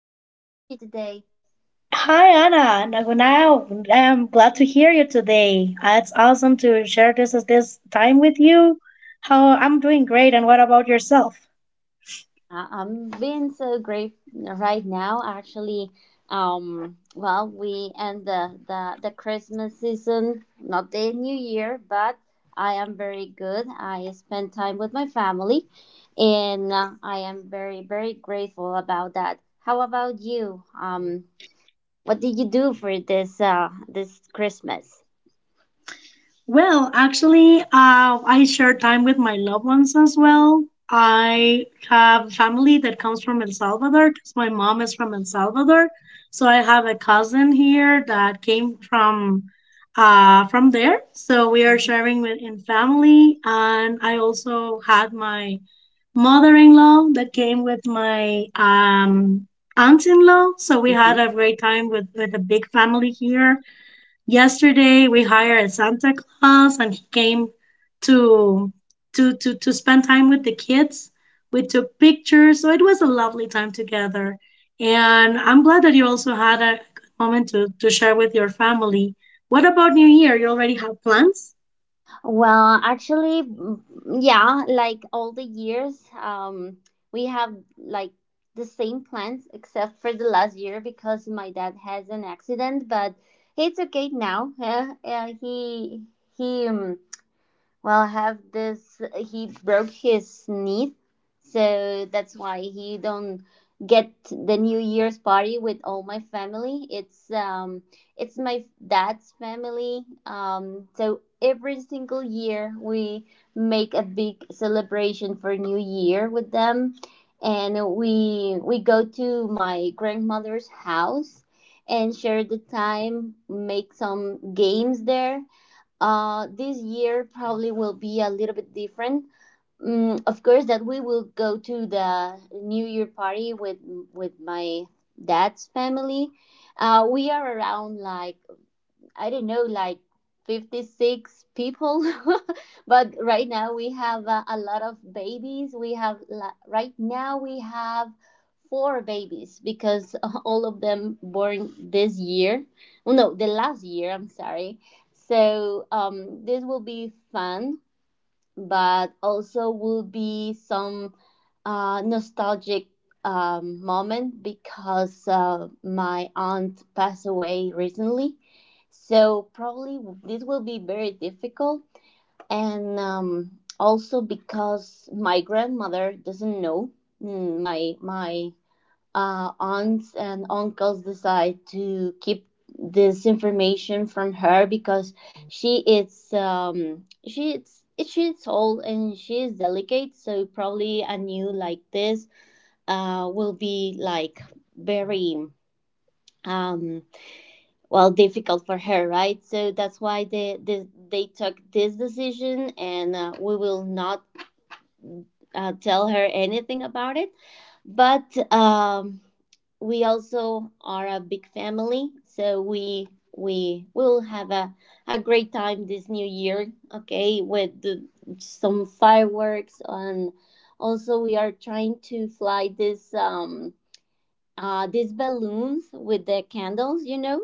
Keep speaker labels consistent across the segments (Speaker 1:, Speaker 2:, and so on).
Speaker 1: are you today?
Speaker 2: Hi, Anna. Now I'm glad to hear you today. It's awesome to share this time with you. How I'm doing great, and what about yourself?
Speaker 1: I'm being so great right now. Actually, well, we end the Christmas season, not the New Year, but I am very good. I spend time with my family, and I am very grateful about that. How about you? What did you do for this this Christmas?
Speaker 2: Well, actually, I share time with my loved ones as well. I have family that comes from El Salvador because my mom is from El Salvador. So I have a cousin here that came from from there. So we are
Speaker 1: Mhm,
Speaker 2: sharing with in family, and I also had my mother-in-law that came with my aunt-in-law, so we
Speaker 1: mhm.
Speaker 2: had a great time with a big family here yesterday. We hired a Santa Claus and he came to to spend time with the kids. We took pictures, so it was a lovely time together, and I'm glad that you also had a good moment to share with your family. What about New Year, you already have plans?
Speaker 1: Well, actually, yeah, like all the years, we have like the same plans except for the last year because my dad has an accident, but it's okay now. He well have this He broke his knee, so that's why he don't get the new year's party with all my family. It's my dad's family, so every single year we make a big celebration for new year with them, and we go to my grandmother's house and share the time, make some games there. This year probably will be a little bit different. Of course, that we will go to the New Year party with my dad's family. We are around, like, I don't know, like 56 people. But right now we have a lot of babies. Right now we have four babies, because all of them born this year. Oh, no, the last year, I'm sorry. So this will be fun, but also will be some nostalgic moment, because my aunt passed away recently, so probably this will be very difficult. And also because my grandmother doesn't know. My aunts and uncles decide to keep this information from her, because she is um she is she's old and she is delicate. So probably a new like this will be like very um well difficult for her, right? So that's why they took this decision, and we will not tell her anything about it. But we also are a big family, so we will have a great time this new year, okay, with some fireworks. And also we are trying to fly this these balloons with the candles.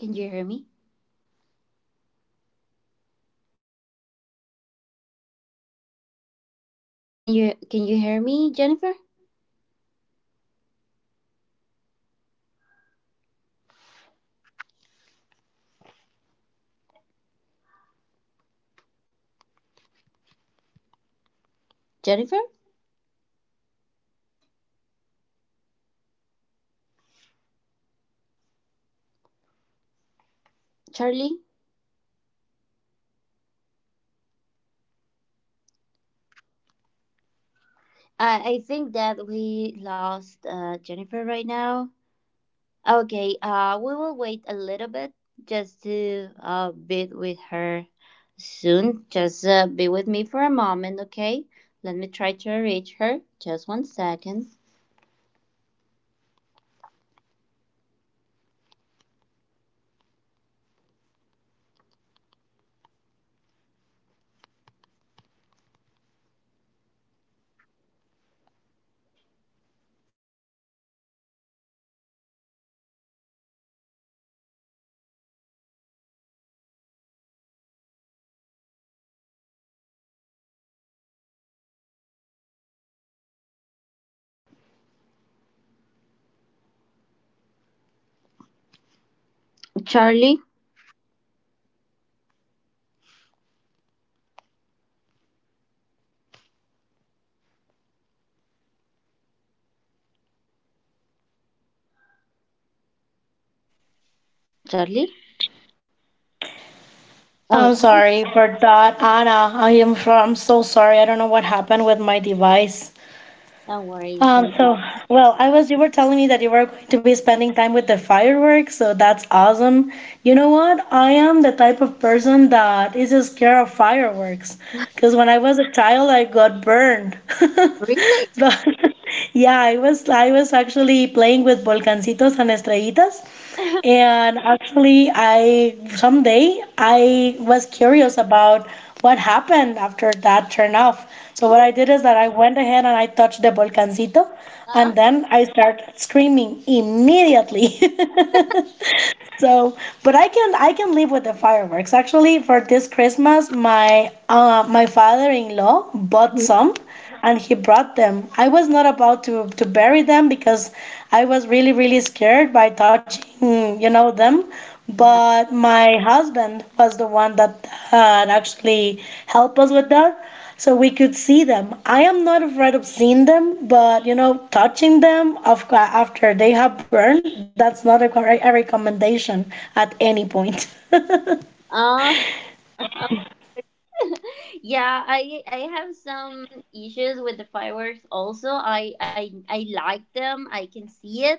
Speaker 1: Can you hear me? Can you hear me, Jennifer? Jennifer? Charlie? I think that we lost Jennifer right now. Okay, we will wait a little bit just to be with her soon. Just be with me for a moment, okay? Let me try to reach her. Just one second. Charlie? Charlie? Oh,
Speaker 2: I'm
Speaker 1: hi.
Speaker 2: sorry for that, Anna. I'm so sorry. I don't know what happened with my device.
Speaker 1: No worries,
Speaker 2: Um,
Speaker 1: Jenny.
Speaker 2: so well, I was you were telling me that you were going to be spending time with the fireworks, so that's awesome. You know what? I am the type of person that is scared of fireworks because when I was a child, I got burned.
Speaker 1: Really?
Speaker 2: But yeah, I was actually playing with volcancitos and estrellitas.
Speaker 1: uh,
Speaker 2: And actually, I someday I was curious about what happened after that turn off. So what I did is that I went ahead and I touched the volcancito, and then I started screaming immediately. So, but I can live with the fireworks. Actually, for this Christmas, my my father-in-law bought some and he brought them. I was not about to bury them because I was really, really scared by touching, you know, them. But my husband was the one that actually helped us with that so we could see them. I am not afraid of seeing them, but you know, touching them after they have burned, that's not a correct a recommendation at any point.
Speaker 1: uh-huh. yeah, I have some issues with the fireworks also. I like them. I can see it,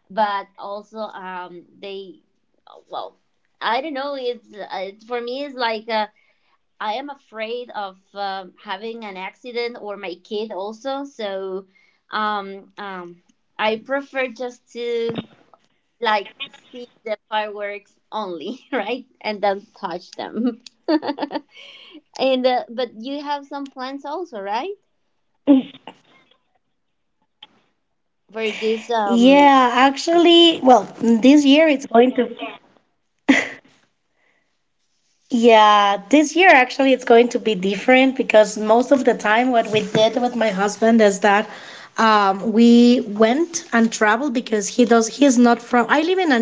Speaker 1: but also they, well, I don't know. It's it for me, it's like, I am afraid of having an accident, or my kid also. So um um I prefer just to, like, see the fireworks only, right? And don't touch them. And but you have some plans also, right?
Speaker 2: Yeah, actually, well,
Speaker 1: For this
Speaker 2: this year it's
Speaker 1: um.
Speaker 2: going to Yeah, this year actually it's going to be different because most of the time what we did with my husband is that we went and traveled because he's not from I live in Antigua, Guatemala,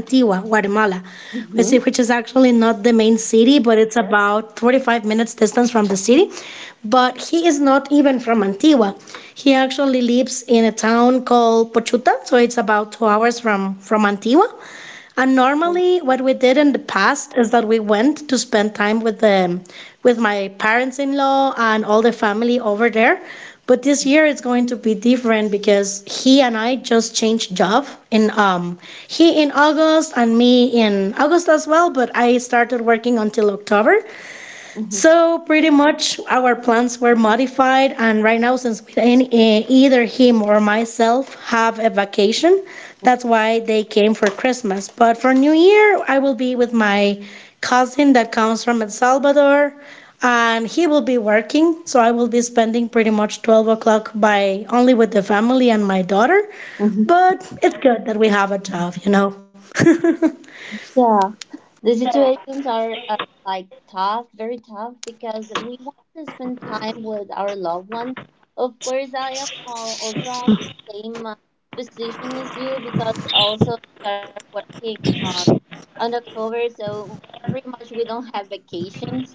Speaker 2: which is actually not the main
Speaker 1: hmm
Speaker 2: city, but it's about 45 minutes distance from the city. But he is not even from Antigua. He actually lives in a town called Pochuta, so it's about 2 hours from Antigua and normally, what we did in the past is that we went to spend time with the with my parents-in-law and all the family over there. But this year it's going to be different because he and I just changed job in he in August and me in August as well, but I started working until October. So pretty much our plans were modified, and right now, since either him or myself have a vacation, that's why they came for Christmas. But for New Year, I will be with my cousin that comes from El Salvador, and he will be working, so I will be spending pretty much 12 o'clock by only with the family and my daughter. But it's good that we have a job, you know.
Speaker 1: Yeah, the situations are like tough, very tough, because we want to spend time with our loved ones. Of course, I am also on the same position as you, because also start working on October, so pretty much we don't have vacations.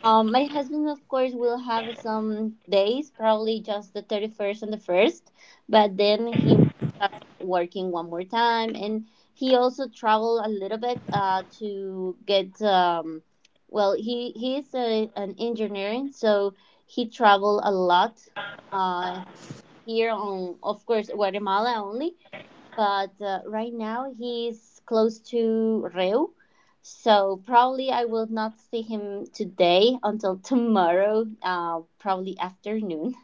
Speaker 1: My husband, of course, will have some days, probably just the 31st and the 1st, but then he will start working one more time. And he also travel a little bit he is an engineer, so he travel a lot uh, here on, of course, Guatemala only. But right now he's close to Reu. So probably I will not see him today until tomorrow, probably afternoon.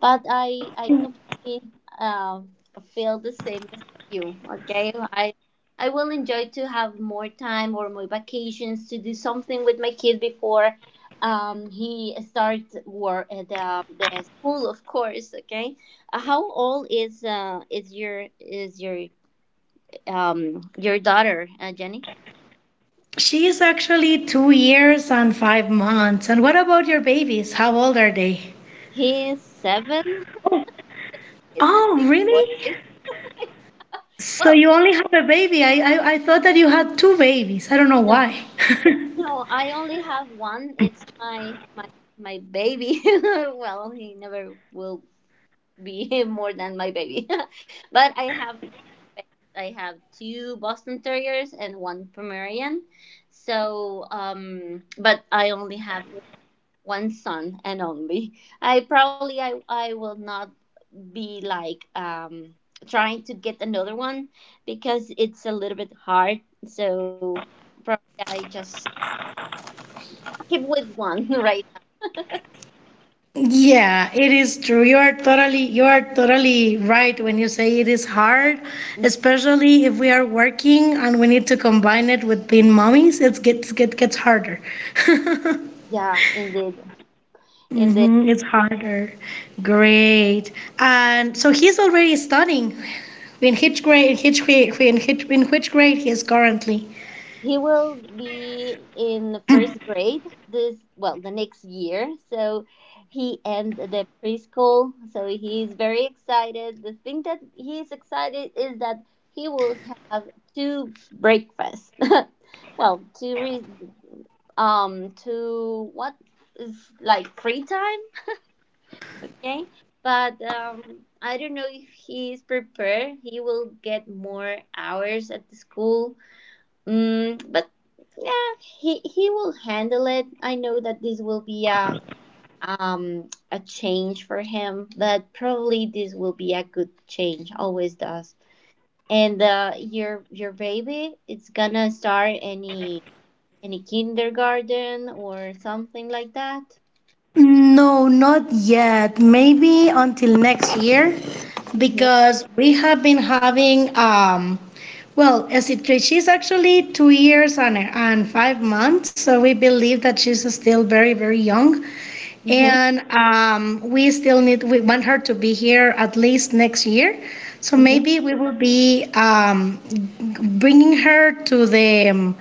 Speaker 1: But I completely um feel the same as you. Okay, I will enjoy to have more time or more vacations to do something with my kid before he starts work at the school, of course. Okay, how old is your daughter, Jenny?
Speaker 2: She is actually 2 years and 5 months. And what about your babies? How old are they?
Speaker 1: He's seven. He's a
Speaker 2: Oh,
Speaker 1: big boy.
Speaker 2: really?
Speaker 1: Well,
Speaker 2: So you only have a baby. I thought that you had two babies. I don't know
Speaker 1: no,
Speaker 2: why.
Speaker 1: no, I only have one. It's my baby. Well, he never will be more than my baby. But I have two Boston terriers and one Pomeranian. But I only have one son, and only I probably I will not be, like, trying to get another one, because it's a little bit hard, so probably I just keep with one right now.
Speaker 2: Yeah, it is true. You are totally right when you say it is hard, especially if we are working and we need to combine it with being mommies. It's gets get gets harder.
Speaker 1: Yeah, indeed, indeed.
Speaker 2: It's harder. Great. And so he's already studying. In which grade? In which grade he is currently?
Speaker 1: He will be in the first grade well, the next year. So he and the preschool. So he's very excited. The thing that he's excited is that he will have two breakfasts. Well, two what is like free time, okay? But I don't know if he's prepared. He will get more hours at the school. Mm, but yeah, he will handle it. I know that this will be a change for him, but probably this will be a good change. Always does. And your baby, it's gonna start any kindergarten or something like that.
Speaker 2: No, not yet. Maybe until next year,
Speaker 1: Mhm.
Speaker 2: because we have been having well, as it she's actually 2 years and 5 months, so we believe that she's still very, very young.
Speaker 1: Mhm.
Speaker 2: And we want her to be here at least next year. So
Speaker 1: Mhm.
Speaker 2: maybe we will be bringing her to the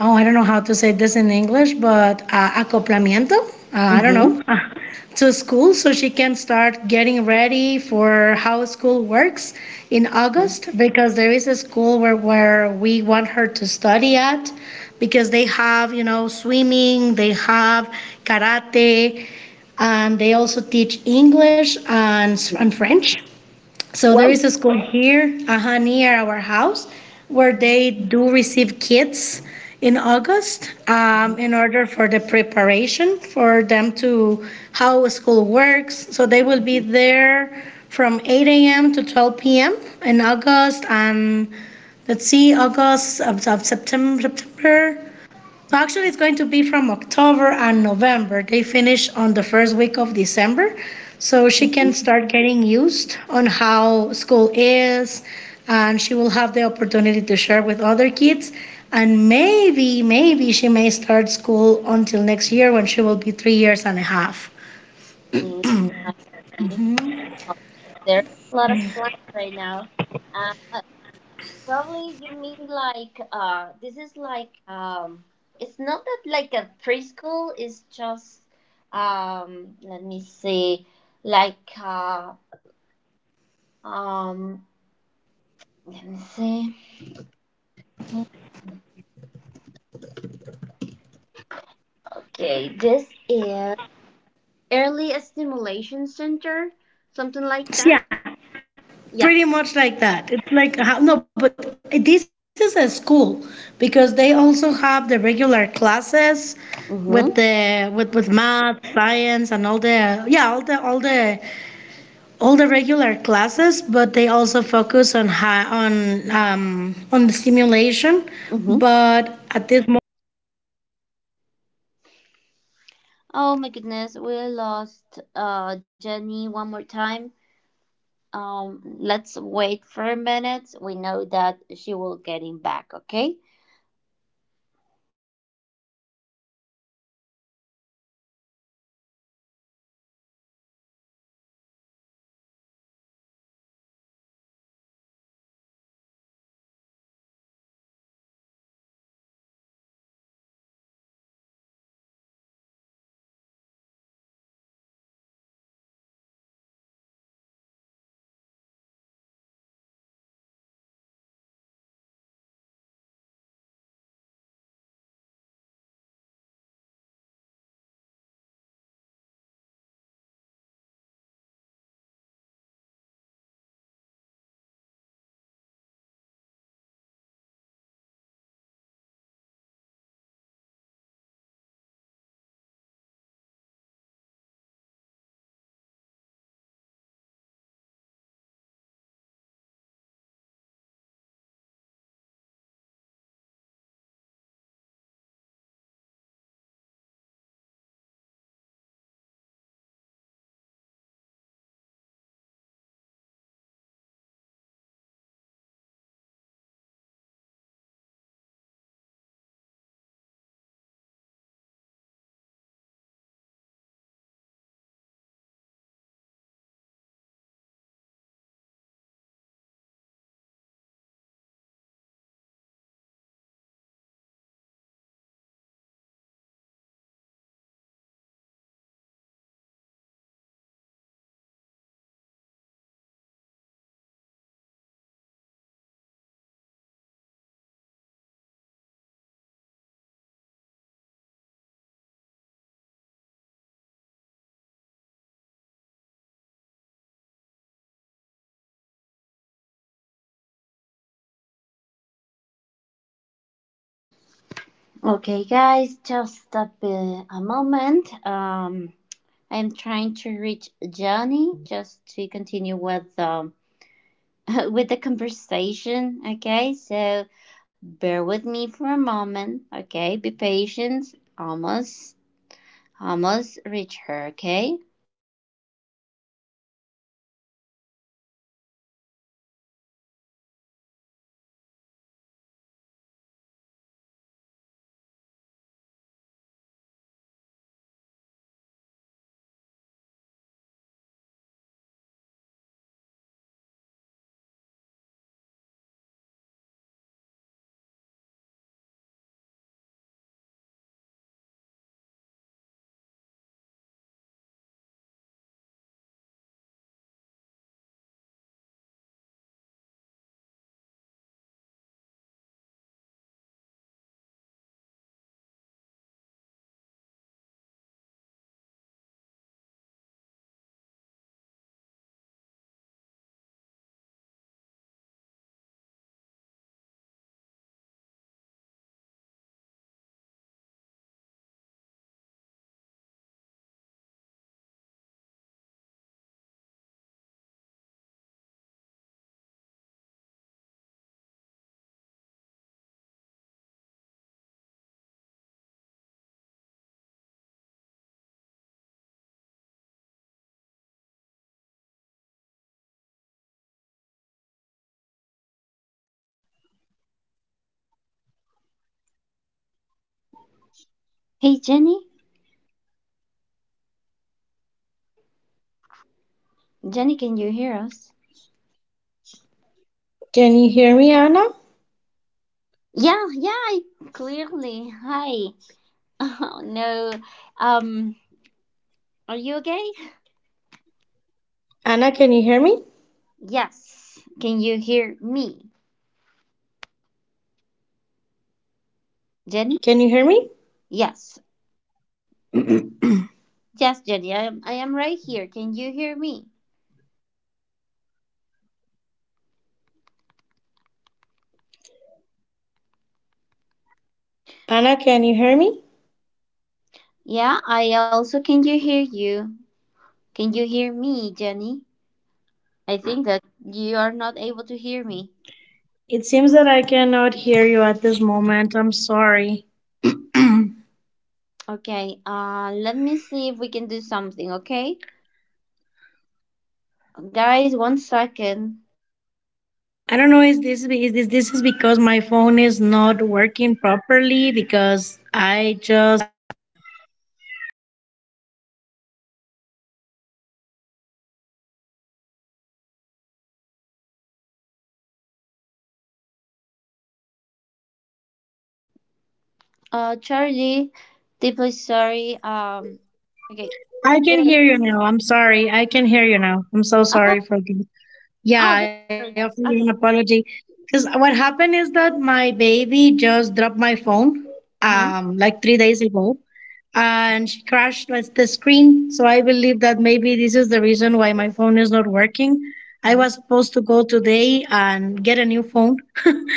Speaker 2: oh, I don't know how to say this in English, but acoplamiento, I don't
Speaker 1: Mhm.
Speaker 2: know, to school so she can start getting ready for how school works in
Speaker 1: Mhm.
Speaker 2: August because there is a school where we want her to study at because they have, you know, swimming, they have karate, and they also teach English
Speaker 1: Mhm.
Speaker 2: and French. So there
Speaker 1: Whoa.
Speaker 2: is a school here, near our house, where
Speaker 1: Uh-huh.
Speaker 2: they do receive kids in August
Speaker 1: Uh-huh.
Speaker 2: in order for the preparation for them to how school works. So they will
Speaker 1: Mhm.
Speaker 2: be there from 8 a.m. to 12 p.m. in August and let's see, August, September, September Actually, it's going to be from October and November. They finish on the first week of December, so she can start getting used on how school is, and she will have the opportunity to share with other kids. And maybe, maybe she may start school until next year when she will be 3 years and a half.
Speaker 1: I see. Well, there's a lot of plans right now. Probably you mean, like, this is like, it's not that like a preschool. It's just let me see, like, uh um let me see. Okay, this is early stimulation center, something like that.
Speaker 2: So, yeah,
Speaker 1: Yeah.
Speaker 2: pretty much like that. It's like how, no, but this is a school because they also have the regular classes with
Speaker 1: Mm-hmm.
Speaker 2: the with math, science, and all the, yeah, all the
Speaker 1: Mm-hmm. Oh my goodness, we lost Jenny one more time. Let's wait for a minute. We know that she will get him back, okay? Okay, guys, just a moment. I'm trying to reach Johnny just to continue with with the conversation, okay? So bear with me for a moment, okay? Be patient. Almost, almost reach her, okay? Hey, Jenny. Jenny, can you hear us?
Speaker 2: Can you hear me, Anna?
Speaker 1: Yeah, yeah, clearly. Hi. Oh no. Um, are you okay?
Speaker 2: Anna, can you hear me?
Speaker 1: Yes. Can you hear me, Jenny?
Speaker 2: Can you hear me?
Speaker 1: Yes. Yes, Jenny. I am. I am right here. Can you hear me?
Speaker 2: Anna, can you hear me?
Speaker 1: Yeah. I also can you hear you. Can you hear me, Jenny? I think that you are not able to hear me.
Speaker 2: It seems that I cannot hear you at this moment. I'm sorry.
Speaker 1: Okay. Let me see if we can do something. Okay, guys. One second. Charlie, deeply sorry. Okay. There.
Speaker 2: Oh, I'm sorry. I can hear you now. I'm so
Speaker 1: Oh.
Speaker 2: sorry for this.
Speaker 1: Oh.
Speaker 2: Yeah,
Speaker 1: That's
Speaker 2: I offer
Speaker 1: great.
Speaker 2: you an
Speaker 1: Okay.
Speaker 2: apology. Because what happened is that my baby just dropped my phone
Speaker 1: Mm-hmm.
Speaker 2: like 3 days ago and she crashed, like, the screen. So I believe that maybe this is the reason why my phone is not working. I was
Speaker 1: Mhm.
Speaker 2: supposed to go today and get a new phone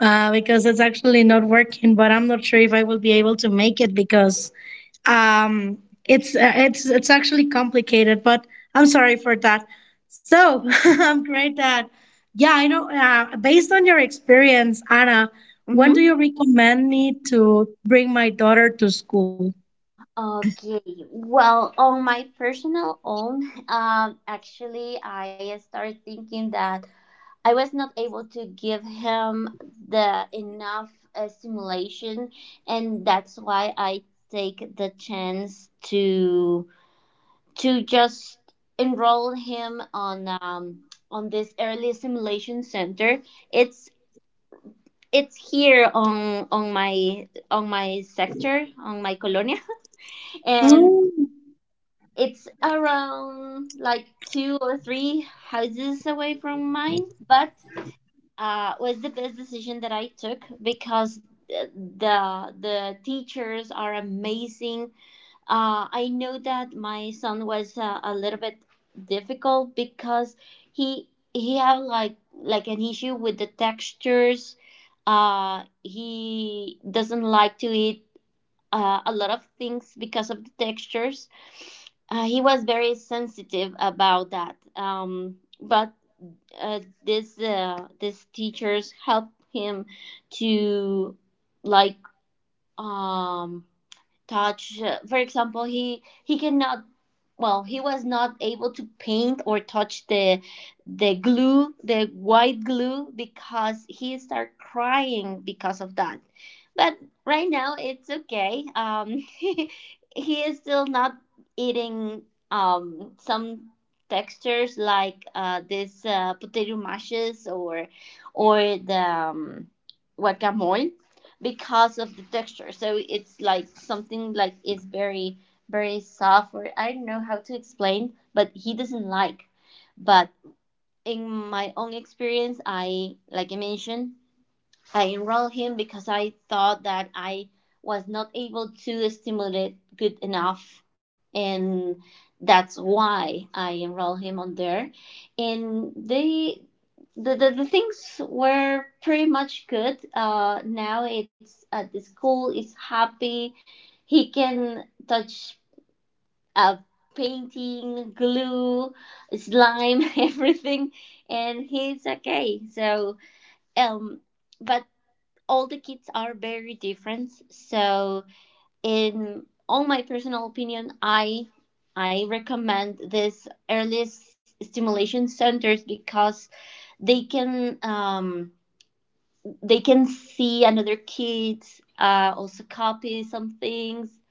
Speaker 2: because it's actually not working. But I'm not sure if I will be able to make it because um, it's actually complicated. But I'm sorry for that. So I'm great that yeah I know. Based on your experience, Anna, when
Speaker 1: Mhm.
Speaker 2: do you recommend me to bring my daughter to school?
Speaker 1: Okay, well, on my personal own, actually, I started thinking that I was not able to give him the enough stimulation, and that's why I take the chance to just enroll him on, on this early simulation center. It's it's here on, on my sector, on my colonia and.
Speaker 2: Mm.
Speaker 1: It's around like two or three houses away from mine. But was the best decision that I took, because the teachers are amazing. I know that my son was a little bit difficult, because he had like an issue with the textures. He doesn't like to eat a lot of things because of the textures. He was very sensitive about that. But this teachers helped him to, like, um, touch. For example, he cannot. Well, he was not able to paint or touch the glue, the white glue, because he started crying because of that. But right now it's okay. He is still not eating some textures, like this potato mashes, or the um, guacamole, because of the texture. So it's like something like is very very soft, or I don't know how to explain, but he doesn't like. But in my own experience, I like I mentioned, I enrolled him because I thought that I was not able to stimulate it good enough. And that's why I enrolled him on there. And the things were pretty much good. Now it's at the school, it's happy. He can touch uh, painting, glue, slime, everything, and he's okay. So, um, but all the kids are very different. So, in all my personal opinion, I recommend this early stimulation centers, because they can um, they can see another kids, also copy some things,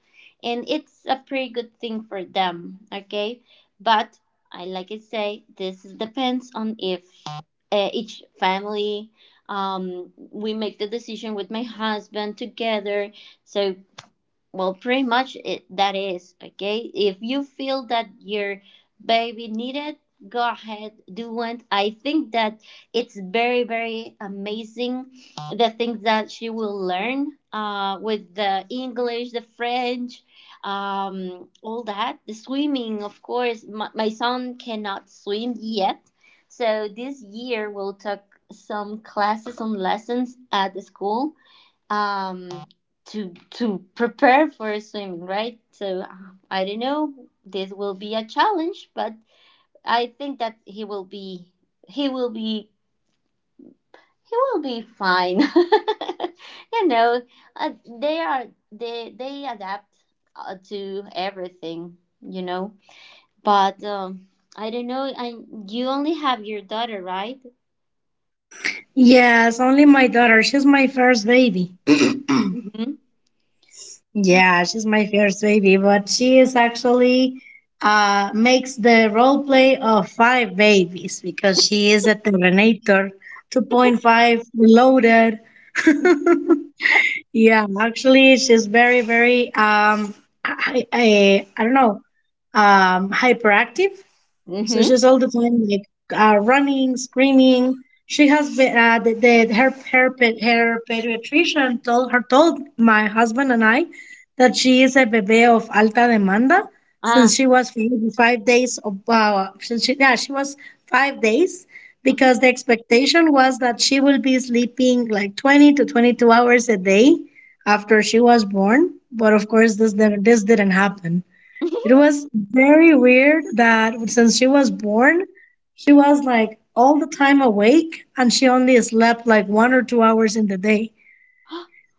Speaker 1: and it's a pretty good thing for them, okay? But, I like I say, this depends on if, each family, we make the decision with my husband together. So, well, pretty much it, that is, okay? If you feel that your baby needed, go ahead, do it. I think that it's very, very amazing the things that she will learn with the English, the French, all that. The swimming, of course. My son cannot swim yet. So this year we'll take some classes, some lessons at the school um to prepare for swimming, right? So I don't know, this will be a challenge, but I think that he will be he will be fine. You know, uh, they are they adapt to everything, you know. But I don't know. You only have your daughter, right?
Speaker 2: Yes, only my daughter. She's my first baby.
Speaker 1: Mm-hmm.
Speaker 2: Yeah, she's my first baby, but she is actually makes the role play of five babies because she is a Terminator 2.5 reloaded. Yeah, actually, she's very, very I don't know, hyperactive. So
Speaker 1: Mm-hmm.
Speaker 2: she's all the time like running, screaming. She has been the her her pa- her pediatrician told my husband and I that she is a bebe of alta demanda since
Speaker 1: Ah.
Speaker 2: she was five days of since she, yeah, she was 5 days because the expectation was that she will be sleeping like 20 to 22 hours a day after she was born but of
Speaker 1: Mm-hmm.
Speaker 2: course this this didn't happen. It was very weird that since she was born, she was like all the time awake and she only slept like 1 or 2 hours in the day.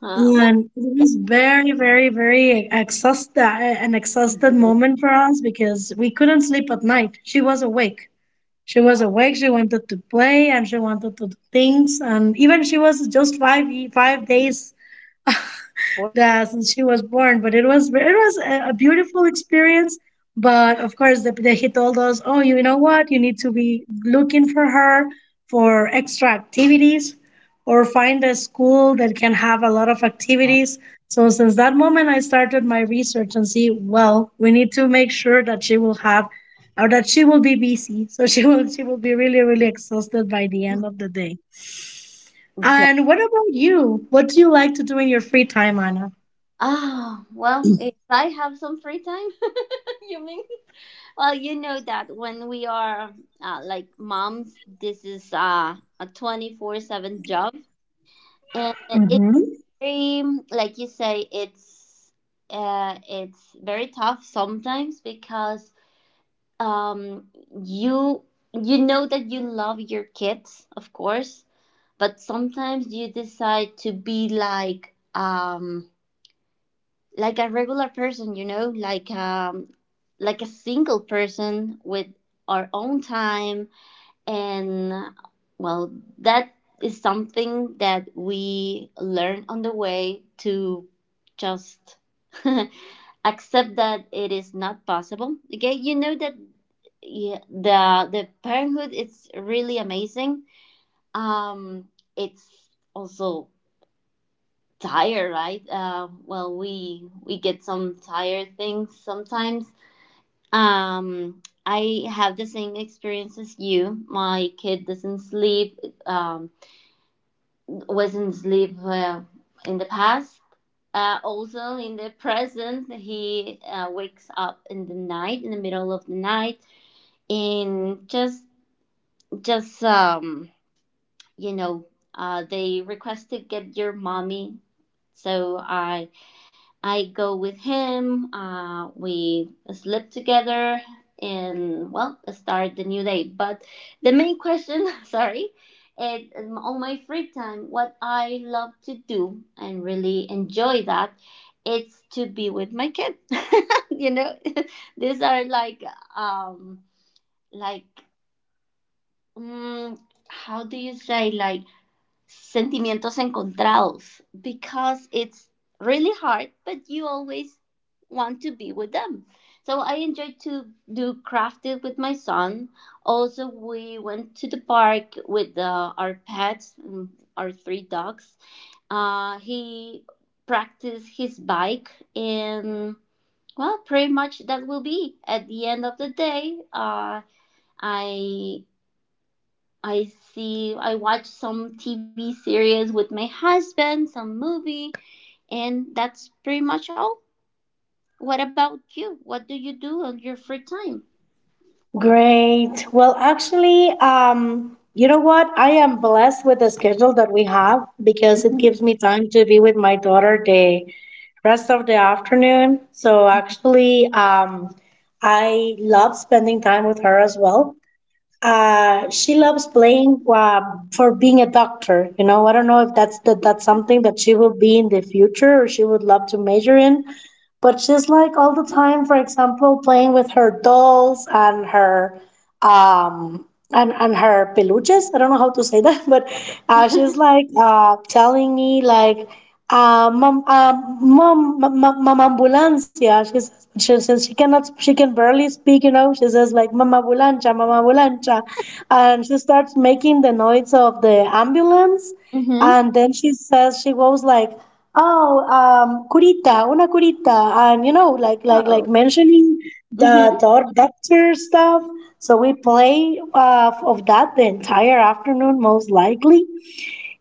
Speaker 1: Well,
Speaker 2: And it was very, very, very an exhausted
Speaker 1: yeah.
Speaker 2: moment for us because we couldn't sleep at night. She was awake. She was awake. She wanted to play and she wanted to do things. And even she was just 5 days, yeah, since she was born, but it was a beautiful experience. But of course, the he told us, oh, you know what? You need to be looking for her for extra activities, or find a school that can have a lot of activities. So since that moment, I started my research and see, well, we need to make sure that she will have, or that she will be busy. So she will be really, really exhausted by the end of the day.
Speaker 1: Yeah.
Speaker 2: And what about you? What do you like to do in your free time, Anna?
Speaker 1: Ah, well, if I have some free time, you mean? Well, you know that when we are like moms, this is a 24/7 job, and it's
Speaker 2: Mm-hmm.
Speaker 1: very, like you say, it's it's very tough sometimes because um you you know that you love your kids, of course, but sometimes you decide to be like, like a regular person, you know, like a single person with our own time. And well, that is something that we learn on the way to just accept that it is not possible. Okay, you know that. Yeah, the parenthood is really amazing. um it's also tired, right? Well, we get some tired things sometimes. I have the same experience as you. My kid doesn't sleep, um, wasn't sleep in the past. Also, in the present, he wakes up in the night, in the middle of the night, and just, you know, they request to get your mommy. So I go with him. We sleep together and, well, start the new day. But the main question, sorry, it on my free time, what I love to do and really enjoy that, it's to be with my kid. You know, these are like, um like, mm, how do you say, like, sentimientos encontrados, because it's really hard, but you always want to be with them. So I enjoy to do crafted with my son. Also, we went to the park with our pets, our three dogs. He practiced his bike, and, well, pretty much that will be. At the end of the day, I I I watch some TV series with my husband, some movie, and that's pretty much all. What about you? What do you do on your free time?
Speaker 2: Great. Well, actually, you know what? I am blessed with the schedule that we have because it
Speaker 1: Mhm.
Speaker 2: gives me time to be with my daughter the rest of the afternoon. So actually, I love spending time with her as well. She loves playing for being a doctor. You know, I don't know if that's that's something that she will be in the future or she would love to major in. But she's like all the time, for example, playing with her dolls um and her peluches. I don't know how to say that, but she's like telling me like mom, mom, ambulancia, she says, she cannot, she can barely speak, you know. She says like mama ambulancia, mama ambulancia, and she starts making the noise of the ambulance.
Speaker 1: Mhm.
Speaker 2: And then she was like, "Oh, curita, una curita," and, you know, like
Speaker 1: Oh.
Speaker 2: mentioning the
Speaker 1: Mhm.
Speaker 2: doctor stuff. So we play of that the entire afternoon, most likely.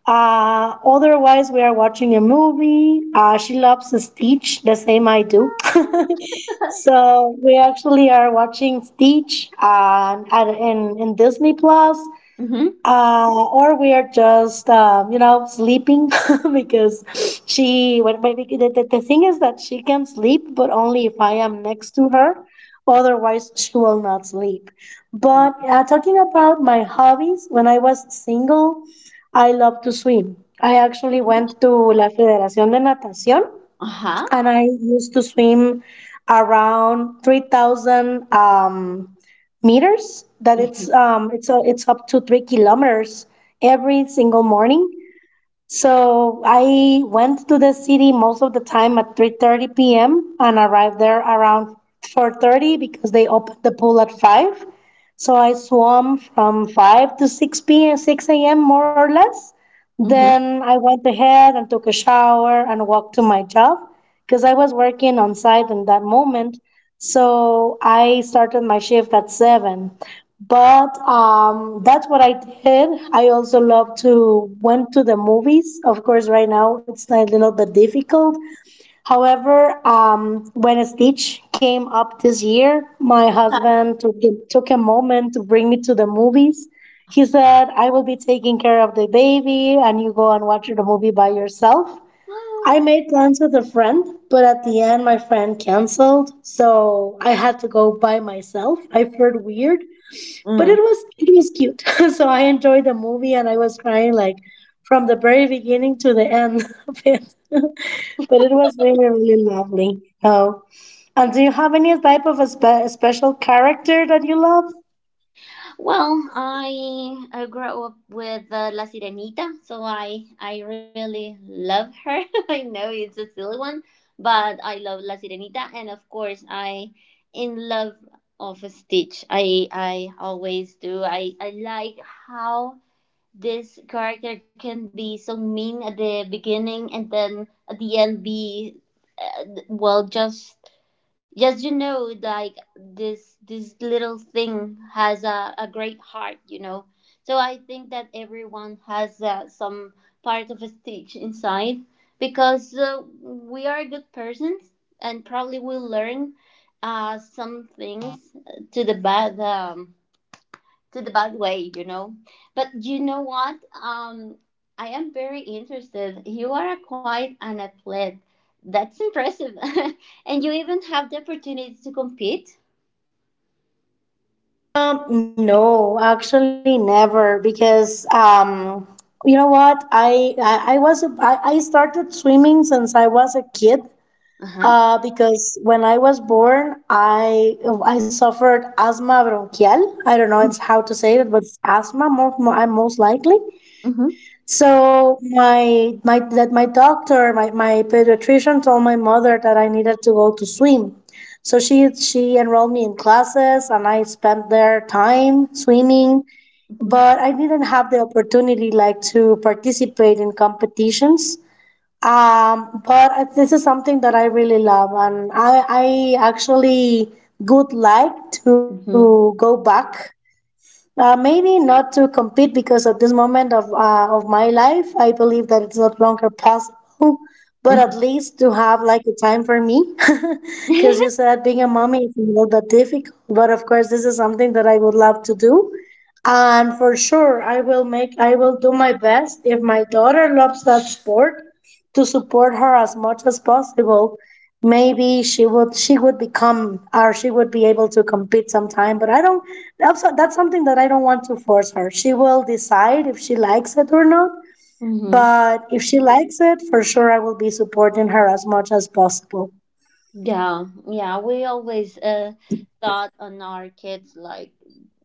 Speaker 2: Otherwise, we are watching a movie. She loves Stitch, the same I do. So we actually are watching Stitch in Disney Plus.
Speaker 1: Mhm.
Speaker 2: Or we are just, you know, sleeping because she, the thing is that she can sleep, but only if I am next to her. Otherwise, she will not sleep. But talking about my hobbies, when I was single, I love to swim. I actually went to La Federación de Natación
Speaker 1: Uh huh.
Speaker 2: and I used to swim around 3,000 meters. That
Speaker 1: Mhm.
Speaker 2: it's up to 3 kilometers every single morning. So I went to the city most of the time at 3:30 p.m. and arrived there around 4:30 because they opened the pool at 5. So I swam from 5 to 6 p.m. 6 a.m. more or less.
Speaker 1: Mhm.
Speaker 2: Then I went ahead and took a shower and walked to my job because I was working on site in that moment. So I started my shift at 7. But that's what I did. I also love to went to the movies. Of course, right now it's a little bit difficult. However, when Stitch came up this year, my
Speaker 1: Uh-huh.
Speaker 2: husband took a moment to bring me to the movies. He said, "I will be taking care of the baby, and you go and watch the movie by yourself."
Speaker 1: Oh.
Speaker 2: I made plans with a friend, but at the end, my friend canceled, so I had to go by myself. I felt weird, but
Speaker 1: Mm.
Speaker 2: it was cute. So I enjoyed the movie, and I was crying like from the very beginning to the end of it. But it was really, really lovely. Oh, and do you have any type of a special character that you love?
Speaker 1: Well, I grew up with La Sirenita, so I really love her. I know it's a silly one, but I love La Sirenita, and of course I in love of Stitch. I always do. I like how this character can be so mean at the beginning and then at the end be well, just like, this little thing has a great heart, you know. So I think that everyone has some part of a stitch inside, because we are good persons and probably we learn some things to the bad, to the bad way, you know. But you know what? I am very interested. You are a quite an athlete. That's impressive. And you even have the opportunity to compete.
Speaker 2: No, actually, never. Because, you know what, I was a, I started swimming since I was a kid.
Speaker 1: Uh huh.
Speaker 2: Because when I was born, I suffered asthma bronchial. I don't know it's how to say it, but it's asthma more I'm most likely.
Speaker 1: Mm-hmm.
Speaker 2: So my doctor, my pediatrician told my mother that I needed to go to swim. So she enrolled me in classes and I spent their time swimming, but I didn't have the opportunity like to participate in competitions. But this is something that I really love, and I actually would like to go
Speaker 1: Mm-hmm.
Speaker 2: back, maybe not to compete because at this moment of my life, I believe that it's no longer possible. But at
Speaker 1: Mm-hmm.
Speaker 2: least to have like a time for me, because you said being a mommy is a little bit difficult. But of course, this is something that I would love to do, and for sure, I will do my best. If my daughter loves that sport, to support her as much as possible, maybe she would become, or she would be able to compete sometime. But I don't, that's something that don't want to force her. She will decide if she likes it or not,
Speaker 1: Mm-hmm.
Speaker 2: but if she likes it, for sure I will be supporting her as much as possible.
Speaker 1: Yeah. Yeah. We always thought on our kids like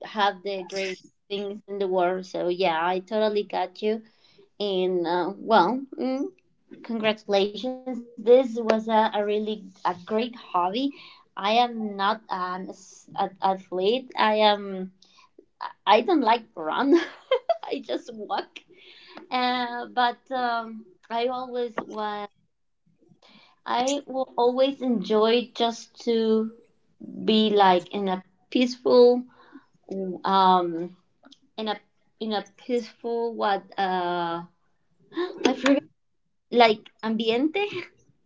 Speaker 1: have the great things in the world. So yeah, I totally got you. And well, congratulations. This was a really a great hobby. I am not an athlete. I am. I- don't like run. I just walk. But I always was. I will always enjoy just to be like in a peaceful, um in a peaceful, what, I forget, like, ambiente.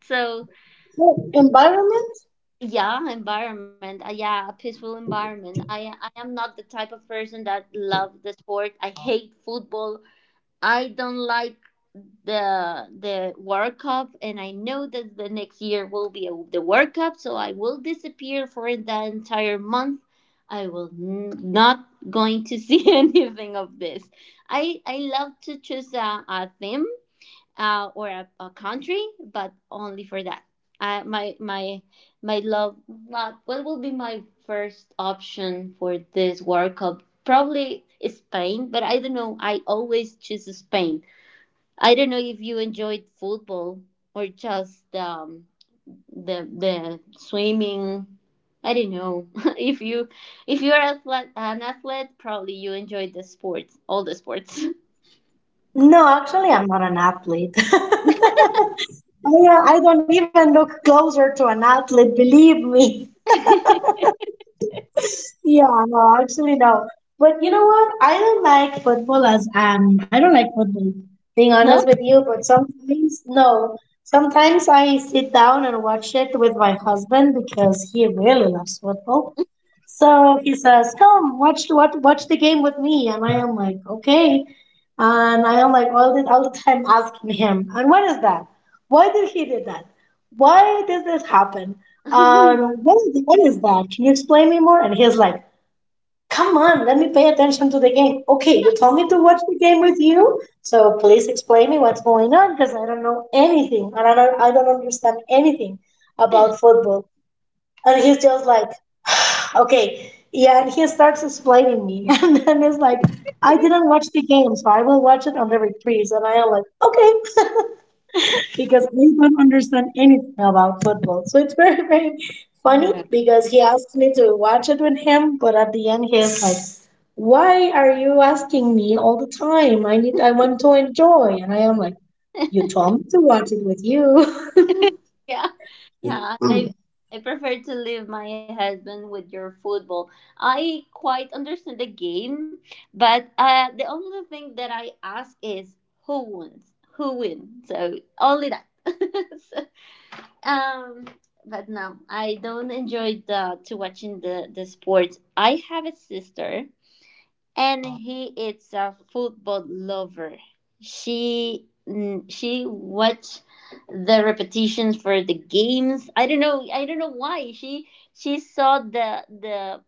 Speaker 1: So
Speaker 2: Oh, environment?
Speaker 1: yeah, environment. Yeah, a peaceful environment. I am not the type of person that love the sport. I hate football. I don't like the World Cup, and I know that the next year will be the World Cup, so I will disappear for the entire month. I will not going to see anything of this. I love to choose a theme, or a country, but only for that. Uh, my my my love not what will be my first option for this World Cup? Probably is Spain, but I don't know. I always choose Spain. I don't know if you enjoyed football or just, the swimming. I don't know if you if you're athlete, an athlete, probably you enjoy the sports, all the sports.
Speaker 2: No, actually, I'm not an athlete. I don't even look closer to an athlete, believe me. Yeah, no, actually, no. But you know what? I don't like football as I don't like football, being honest
Speaker 1: No.
Speaker 2: with you, but sometimes no. Sometimes I sit down and watch it with my husband because he really loves football. So he says, "Come, watch the game with me," and I am like, "Okay." And I am like all the time asking him, "And what is that? Why did he do that? Why does this happen? What is that? Can you explain me more?" And he's like, "Come on, let me pay attention to the game." "Okay, you told me to watch the game with you, so please explain me what's going on, because I don't know anything and I don't understand anything about football." And he's just like, "Okay, yeah," and he starts explaining me. And then it's like, I didn't watch the game, so I will watch it on the repeats. And I am like, okay. Because I don't understand anything about football. So it's very, very funny because he asked me to watch it with him, but at the end he's like, "Why are you asking me all the time? I want to enjoy." And I am like, "You told me to watch it with you."
Speaker 1: Yeah, yeah.
Speaker 2: Mm.
Speaker 1: I prefer to leave my husband with your football. I quite understand the game, but the only thing that I ask is who wins, who wins. So only that. So, um, but no, I don't enjoy the to watching the sports. I have a sister and he is a football lover. She watched the repetitions for the games. I don't know. I don't know why she saw the the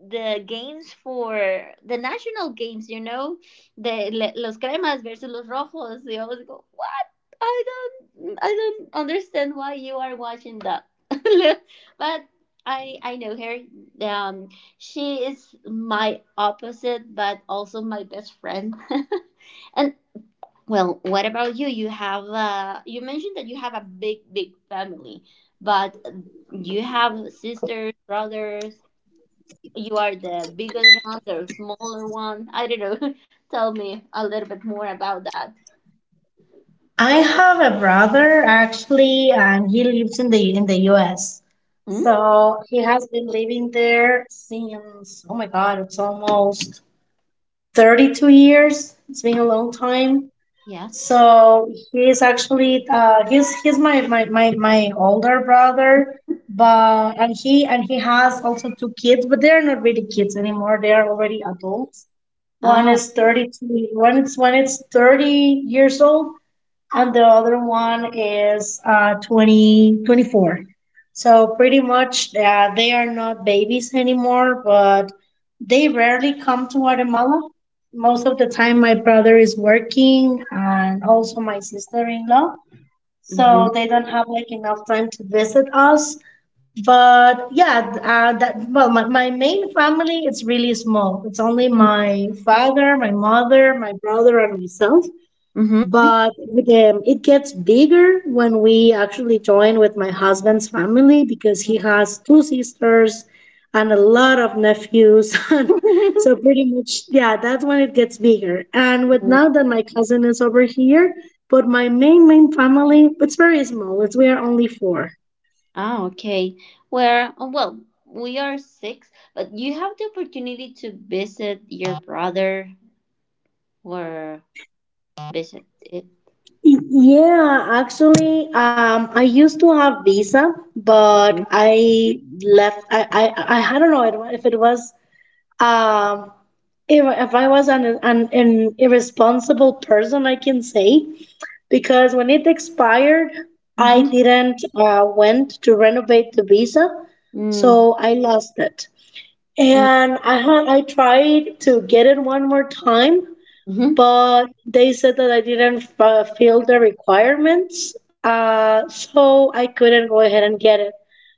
Speaker 1: the games for the national games. You know, los cremas versus los rojos. You always go, what? I don't understand why you are watching that. But I know her. Um, she is my opposite, but also my best friend. And well, what about you? You have You mentioned that you have a big, big family, but you have sisters, brothers. You are the biggest one, the smaller one. I don't know. Tell me a little bit more about that.
Speaker 2: I have a brother actually, and he lives in the US.
Speaker 1: Mm,
Speaker 2: So he has been living there since, oh my god, it's almost 32 years. It's been a long time. So
Speaker 1: yes.
Speaker 2: he's actually, he's my my older brother. But and he has also two kids, but they're not really kids anymore. They are already adults. One
Speaker 1: Ah.
Speaker 2: is 32, one is 30 years old, and the other one is, 2024. So pretty much, they are not babies anymore, but they rarely come to Guatemala. Most of the time, my brother is working, and also my sister in law. So
Speaker 1: Mm-hmm.
Speaker 2: they don't have like enough time to visit us. But yeah, that, well, my main family is really small. It's only my father, my mother, my brother, and myself. But with, it gets bigger when we actually join with my husband's family, because he has two sisters and a lot of nephews. And so
Speaker 1: Mm-hmm.
Speaker 2: pretty much, yeah, that's when it gets bigger. And with, now that my cousin is over here. But my main family, it's very small. It's we are only four.
Speaker 1: Ah, okay. Where, oh, well, we are six, but you have the opportunity to visit your brother or visit it.
Speaker 2: Yeah, actually, I used to have Visa,
Speaker 1: Mm-hmm.
Speaker 2: but I left. I don't know if it was, Um, if I was an, an irresponsible person, I can say, because when it expired, I didn't went to renovate the visa,
Speaker 1: Mm-hmm.
Speaker 2: so I lost it. And I tried to get it one more time,
Speaker 1: Mm-hmm.
Speaker 2: but they said that I didn't fill the requirements, so I couldn't go ahead and get it.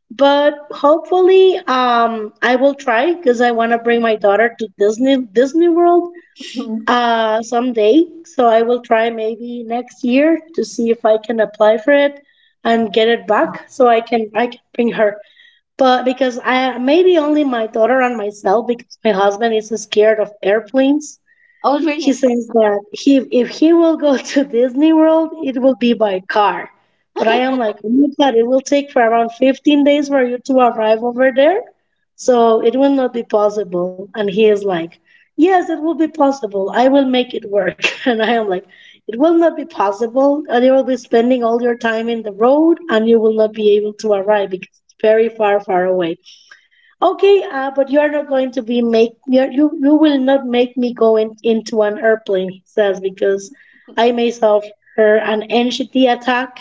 Speaker 2: But hopefully, I will try because I want to bring my daughter to Disney World someday. So I will try maybe next year to see if I can apply for it and get it back, so I can bring her. But because I, maybe only my daughter and myself, because my husband is scared of airplanes.
Speaker 1: Oh,
Speaker 2: He
Speaker 1: really?
Speaker 2: says that he, if he will go to Disney World, it will be by car. But I am like, oh my God, it will take for around 15 days for you to arrive over there. So it will not be possible. And he is like, yes, it will be possible. I will make it work. And I am like, it will not be possible. And you will be spending all your time in the road, and you will not be able to arrive because it's very, far far away. Okay, but you are not going to be make, you will not make me go into an airplane, he says, because I may suffer an anxiety attack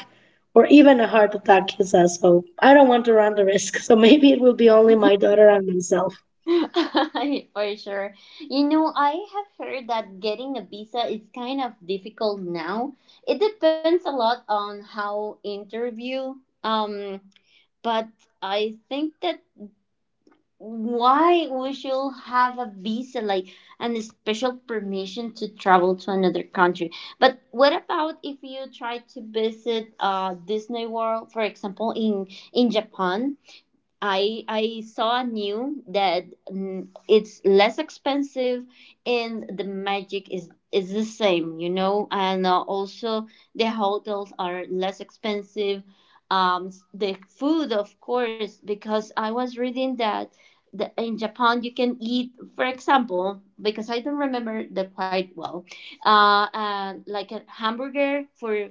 Speaker 2: or even a heart attack, he says. So I don't want to run the risk. So maybe it will be only my daughter and myself.
Speaker 1: For sure. You know, I have heard that getting a visa is kind of difficult now. It depends a lot on how interview. Um, but I think that why we should have a visa like and a special permission to travel to another country. But what about if you try to visit Disney World, for example, in Japan? I saw new that, it's less expensive and the magic is the same, you know, and also the hotels are less expensive. The food, of course, because I was reading that in Japan you can eat, for example, because I don't remember the quite well, like a hamburger for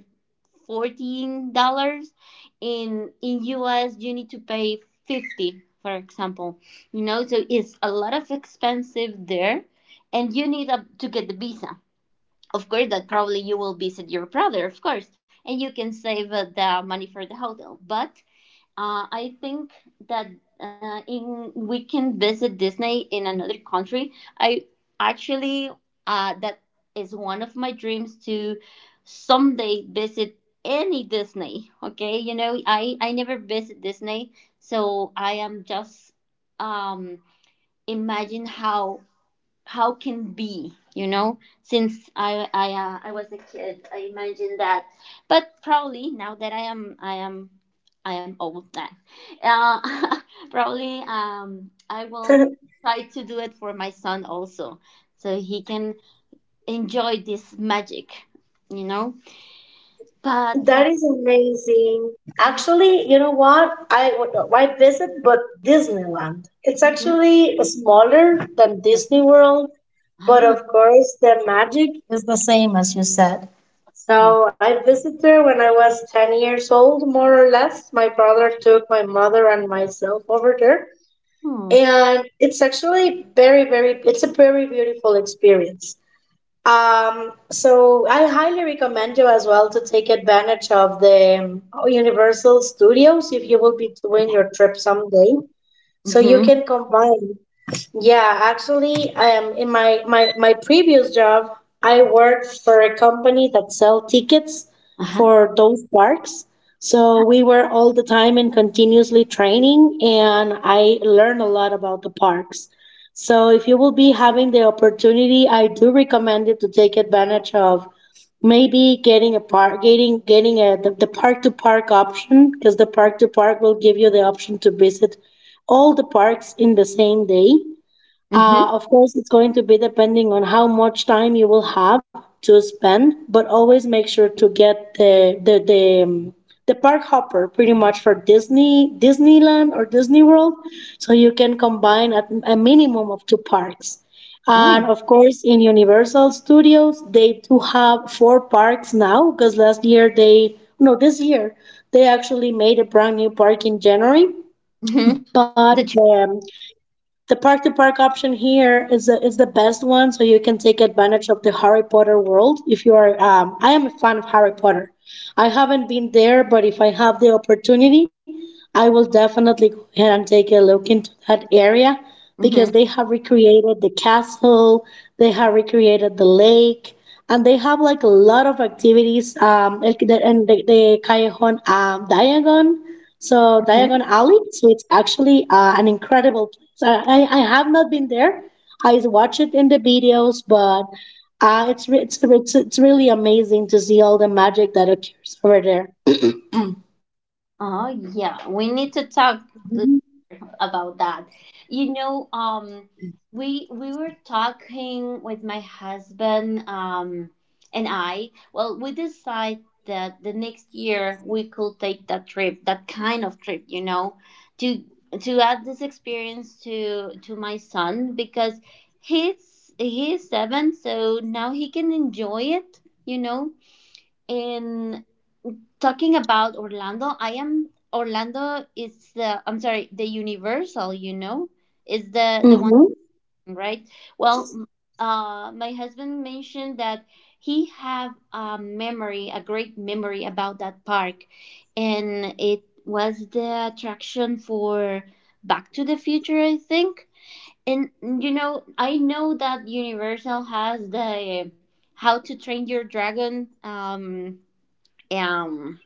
Speaker 1: $14. In US you need to pay 50, for example, you know. So it's a lot of expensive there, and you need to get the visa, of course. That probably you will visit your brother, of course, and you can save the money for the hotel. But I think that in we can visit Disney in another country. I actually That is one of my dreams to someday visit any Disney. Okay, you know I never visit Disney, so I am just, um imagine how can be, you know. Since I was a kid, I imagined that, but probably now that I am old now, uh, probably, I will try to do it for my son also so he can enjoy this magic, you know. But
Speaker 2: That is amazing.
Speaker 1: mm,
Speaker 2: Actually, you know what? I visit but Disneyland. It's actually smaller than Disney
Speaker 1: mhm.
Speaker 2: World, but
Speaker 1: Ah,
Speaker 2: of course the magic is the same as you said.
Speaker 1: oh,
Speaker 2: So I visited there when I was 10 years old, more or less. My brother took my mother and myself over there,
Speaker 1: oh,
Speaker 2: and it's actually very, very, it's a very beautiful experience. So I highly recommend you as well to take advantage of the, Universal Studios if you will be doing
Speaker 1: yeah.
Speaker 2: your trip someday. So you
Speaker 1: Mhm,
Speaker 2: can combine. Yeah, actually, in my, my previous job, I worked for a company that sell tickets
Speaker 1: uh-huh,
Speaker 2: for those parks. So we were all the time in continuously training, and I learned a lot about the parks. So if you will be having the opportunity, I do recommend it to take advantage of maybe getting a park, getting the park to park option, because the park to park will give you the option to visit all the parks in the same day.
Speaker 1: mhm,
Speaker 2: Of course, it's going to be depending on how much time you will have to spend, but always make sure to get the park hopper pretty much for Disney, Disneyland or Disney World, so you can combine at a minimum of two parks.
Speaker 1: oh,
Speaker 2: And of course, in Universal Studios, they do have four parks now because last year they no, this year they actually made a brand new park in January.
Speaker 1: mhm,
Speaker 2: But
Speaker 1: the tr-
Speaker 2: the park to park option here is the best one, so you can take advantage of the Harry Potter world if you are. I am a fan of Harry Potter, I haven't been there, but if I have the opportunity, I will definitely go ahead and take a look into that area because
Speaker 1: mhm.
Speaker 2: they have recreated the castle, they have recreated the lake, and they have like a lot of activities like the Callejon Diagon. So Diagon Alley, so it's actually an incredible place. I have not been there. I watch it in the videos, but it's it's really amazing to see all the magic that occurs over there.
Speaker 1: Oh, yeah, we need to talk about that. You know, we were talking with my husband, and I. Well, we decided that the next year we could take that trip, that kind of trip, you know, to to add this experience to my son because he's seven, so now he can enjoy it, you know, and talking about Orlando, I am Orlando is the, I'm sorry, the Universal, you know, is the one,
Speaker 2: Mm-hmm.
Speaker 1: right? Well, my husband mentioned that he have a memory, a great memory about that park, and it was the attraction for Back to the Future, I think. And you know, I know that Universal has the How to Train Your Dragon, um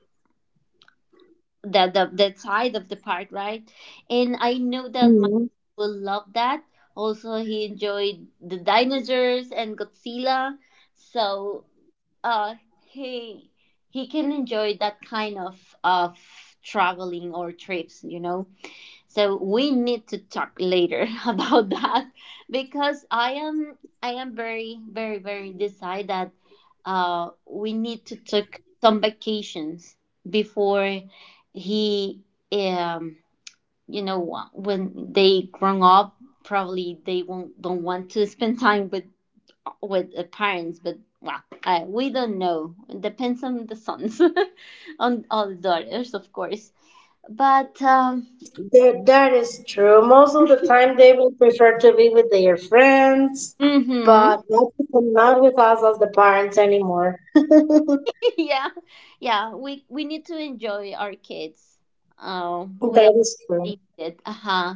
Speaker 1: the side of the park, right? And I know that my
Speaker 2: Mm-hmm.
Speaker 1: son will love that. Also, he enjoyed the dinosaurs and Godzilla, so uh, he he can enjoy that kind of traveling or trips, you know. So we need to talk later about that, because I am very, very, very decided that we need to take some vacations before he, um you know, when they grown up, probably they won't don't want to spend time with the parents. But well, we don't know, it depends on the sons on all the daughters, of course. But
Speaker 2: That is true. Most of the time, they will prefer to be with their friends,
Speaker 1: Mhm.
Speaker 2: but not with us as the parents anymore.
Speaker 1: Yeah, yeah. We need to enjoy our kids. Well, we
Speaker 2: That
Speaker 1: all
Speaker 2: is true.
Speaker 1: need it. Uh huh.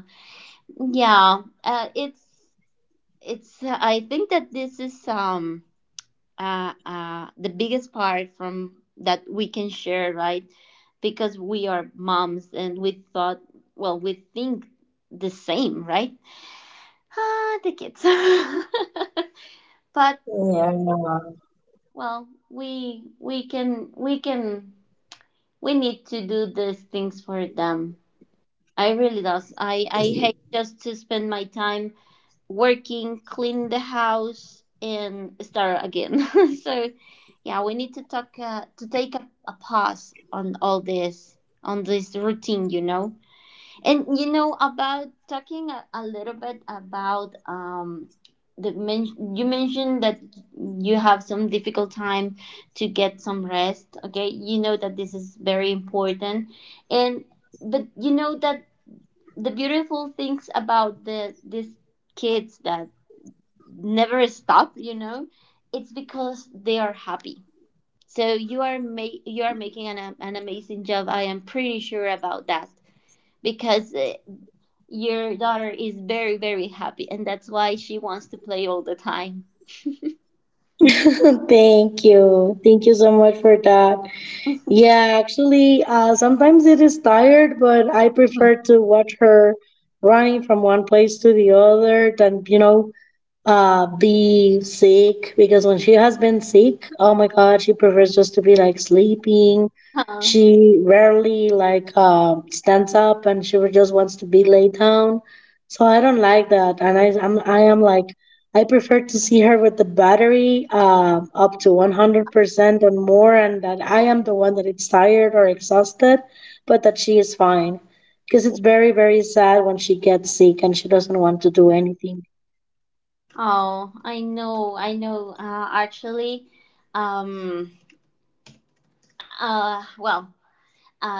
Speaker 1: Yeah. It's. I think that this is the biggest part from that we can share, right? Because we are moms and we thought, well, we think the same, right? Ah, the kids. But well, we can we can we need to do these things for them. I really does. I hate just to spend my time working, clean the house, and start again. So, yeah, we need to talk to take a pause on all this, on this routine, And you know, about talking a little bit about you mentioned that you have some difficult time to get some rest. Okay, you know that this is very important, and but you know that the beautiful things about the these kids that never stop, you know, it's because they are happy, so you are you are making an amazing job. I am pretty sure about that because your daughter is very very happy, and that's why she wants to play all the time.
Speaker 2: Thank you. Thank you so much for that. Yeah, actually, sometimes it is tired, but I prefer to watch her running from one place to the other than, you know, be sick. Because when she has been sick, oh my God, she prefers just to be like sleeping.
Speaker 1: Huh.
Speaker 2: She rarely like stands up, and she just wants to be laid down. So I don't like that, and I am like I prefer to see her with the battery up to 100% and more, and that I am the one that is tired or exhausted, but that she is fine. Because it's very, very sad when she gets sick and she doesn't want to do anything.
Speaker 1: Oh, I know, I know. Actually, um, uh, well, Uh,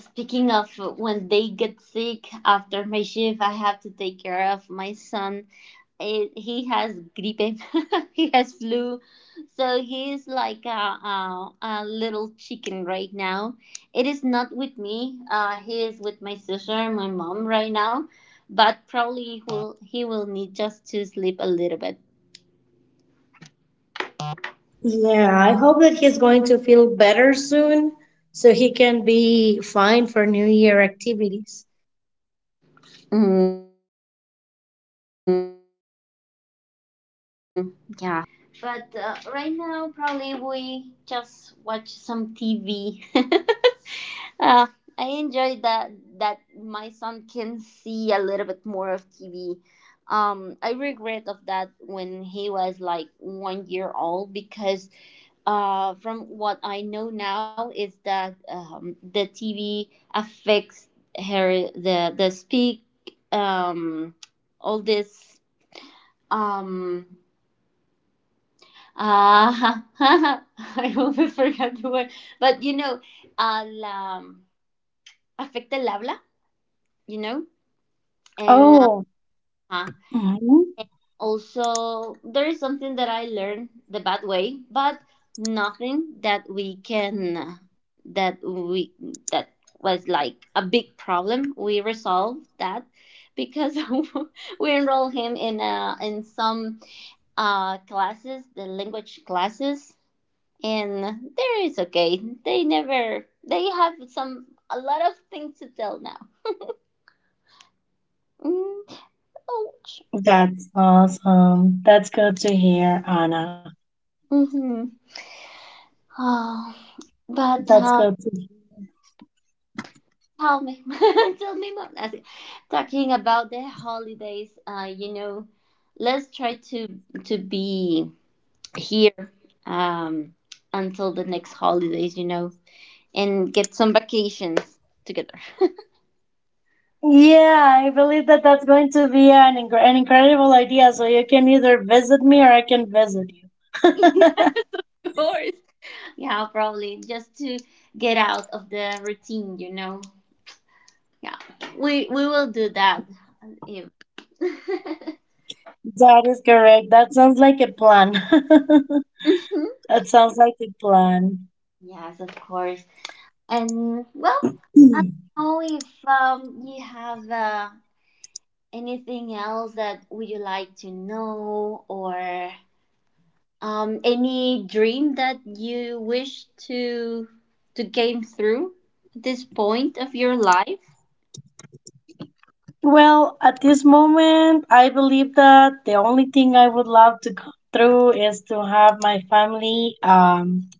Speaker 1: speaking of when they get sick, after my shift I have to take care of my son. It, he has gripe, he has flu, so he is like a little chicken right now. It is not with me. He is with my sister and my mom right now, but probably he will need just to sleep.
Speaker 2: Yeah, I hope that he's going to feel better soon so he can be fine for New Year
Speaker 1: Mm,
Speaker 2: activities.
Speaker 1: yeah. Yeah, well, you know, we will try. But right now, probably we just watch some TV. I enjoy that my son can see a little bit more of TV. I regret of that when he was like 1 year old, because from what I know now is that the TV affects her, the speak, um, all this, um I always forgot the word, but you know, al afecta el habla, you know. And
Speaker 2: Oh,
Speaker 1: uh,
Speaker 2: mhm.
Speaker 1: also, there is something that I learned the bad way, but nothing that we that was like a big problem. We resolved that because we enrolled him in some classes, the language classes, and there is okay. They never they have some a lot of things to tell now. Mm, ouch.
Speaker 2: That's awesome. That's good to hear, Anna.
Speaker 1: Mm-hmm. Oh, but.
Speaker 2: That's good to
Speaker 1: Tell me, tell me more. As in, talking about the holidays, you know, let's try to be here um, until the next holidays, you know, and get some vacations together.
Speaker 2: Yeah, I believe that that's going to be an incredible idea. So you can either visit me or I can visit you.
Speaker 1: Yeah, of course. Yeah, probably just to get out of the routine, you know. Yeah, we will do that. uh, If-
Speaker 2: That is correct. That sounds like a plan.
Speaker 1: Mhm.
Speaker 2: That sounds like a plan.
Speaker 1: Yes, of course. And well, I don't know if you have anything else that would you like to know, or any dream that you wish to came through at this point of your life.
Speaker 2: Well, at this moment, I believe that the only thing I would love to go through is to have my family,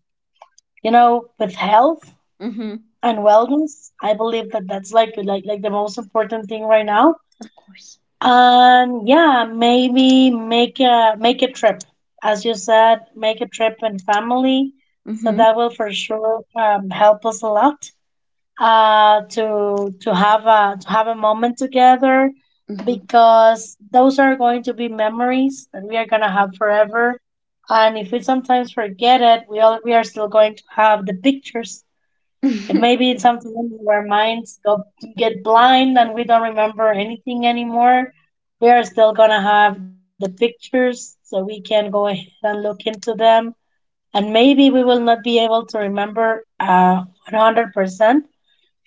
Speaker 2: you know, with health
Speaker 1: Mm-hmm.
Speaker 2: and wellness. I believe that that's like the most important thing right now.
Speaker 1: Of course.
Speaker 2: And yeah, maybe make a trip. As you said, make a trip and family. So
Speaker 1: Mm-hmm.
Speaker 2: that will for sure help us a lot to to have a moment together
Speaker 1: Mm-hmm.
Speaker 2: because those are going to be memories that we are gonna have forever. And if we sometimes forget it, we are still going to have the pictures. It may be something in our minds go, get blind and we don't remember anything anymore. We are still gonna have the pictures so we can go ahead and look into them. And maybe we will not be able to remember 100%,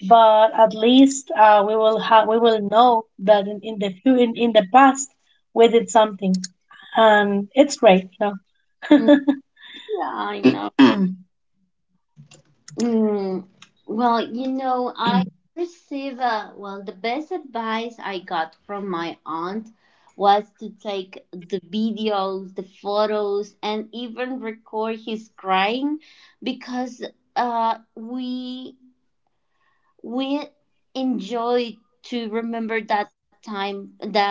Speaker 2: but at least we will know that in the past we did something, and it's great, you
Speaker 1: Yeah,
Speaker 2: know.
Speaker 1: I know. Mm, well, you know, I receive well, the best advice I got from my aunt was to take the videos, the photos, and even record his crying, because uh, we we enjoy to remember that time, that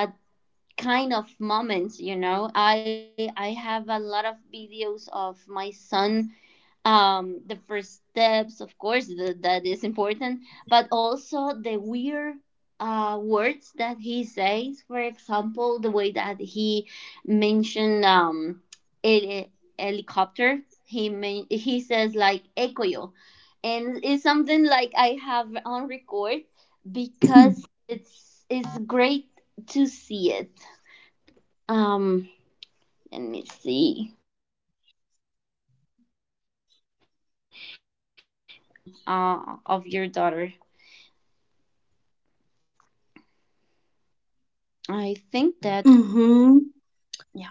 Speaker 1: kind of moments. You know, I have a lot of videos of my son, the first steps of course, that is important, but also the weird words that he says. For example, the way that he mentioned heli- helicopter, he says like "ekoyo," and it's something like I have on record, because it's great to see it. Um, let me see. You know, you will enjoy everything of your daughter. I think that yeah.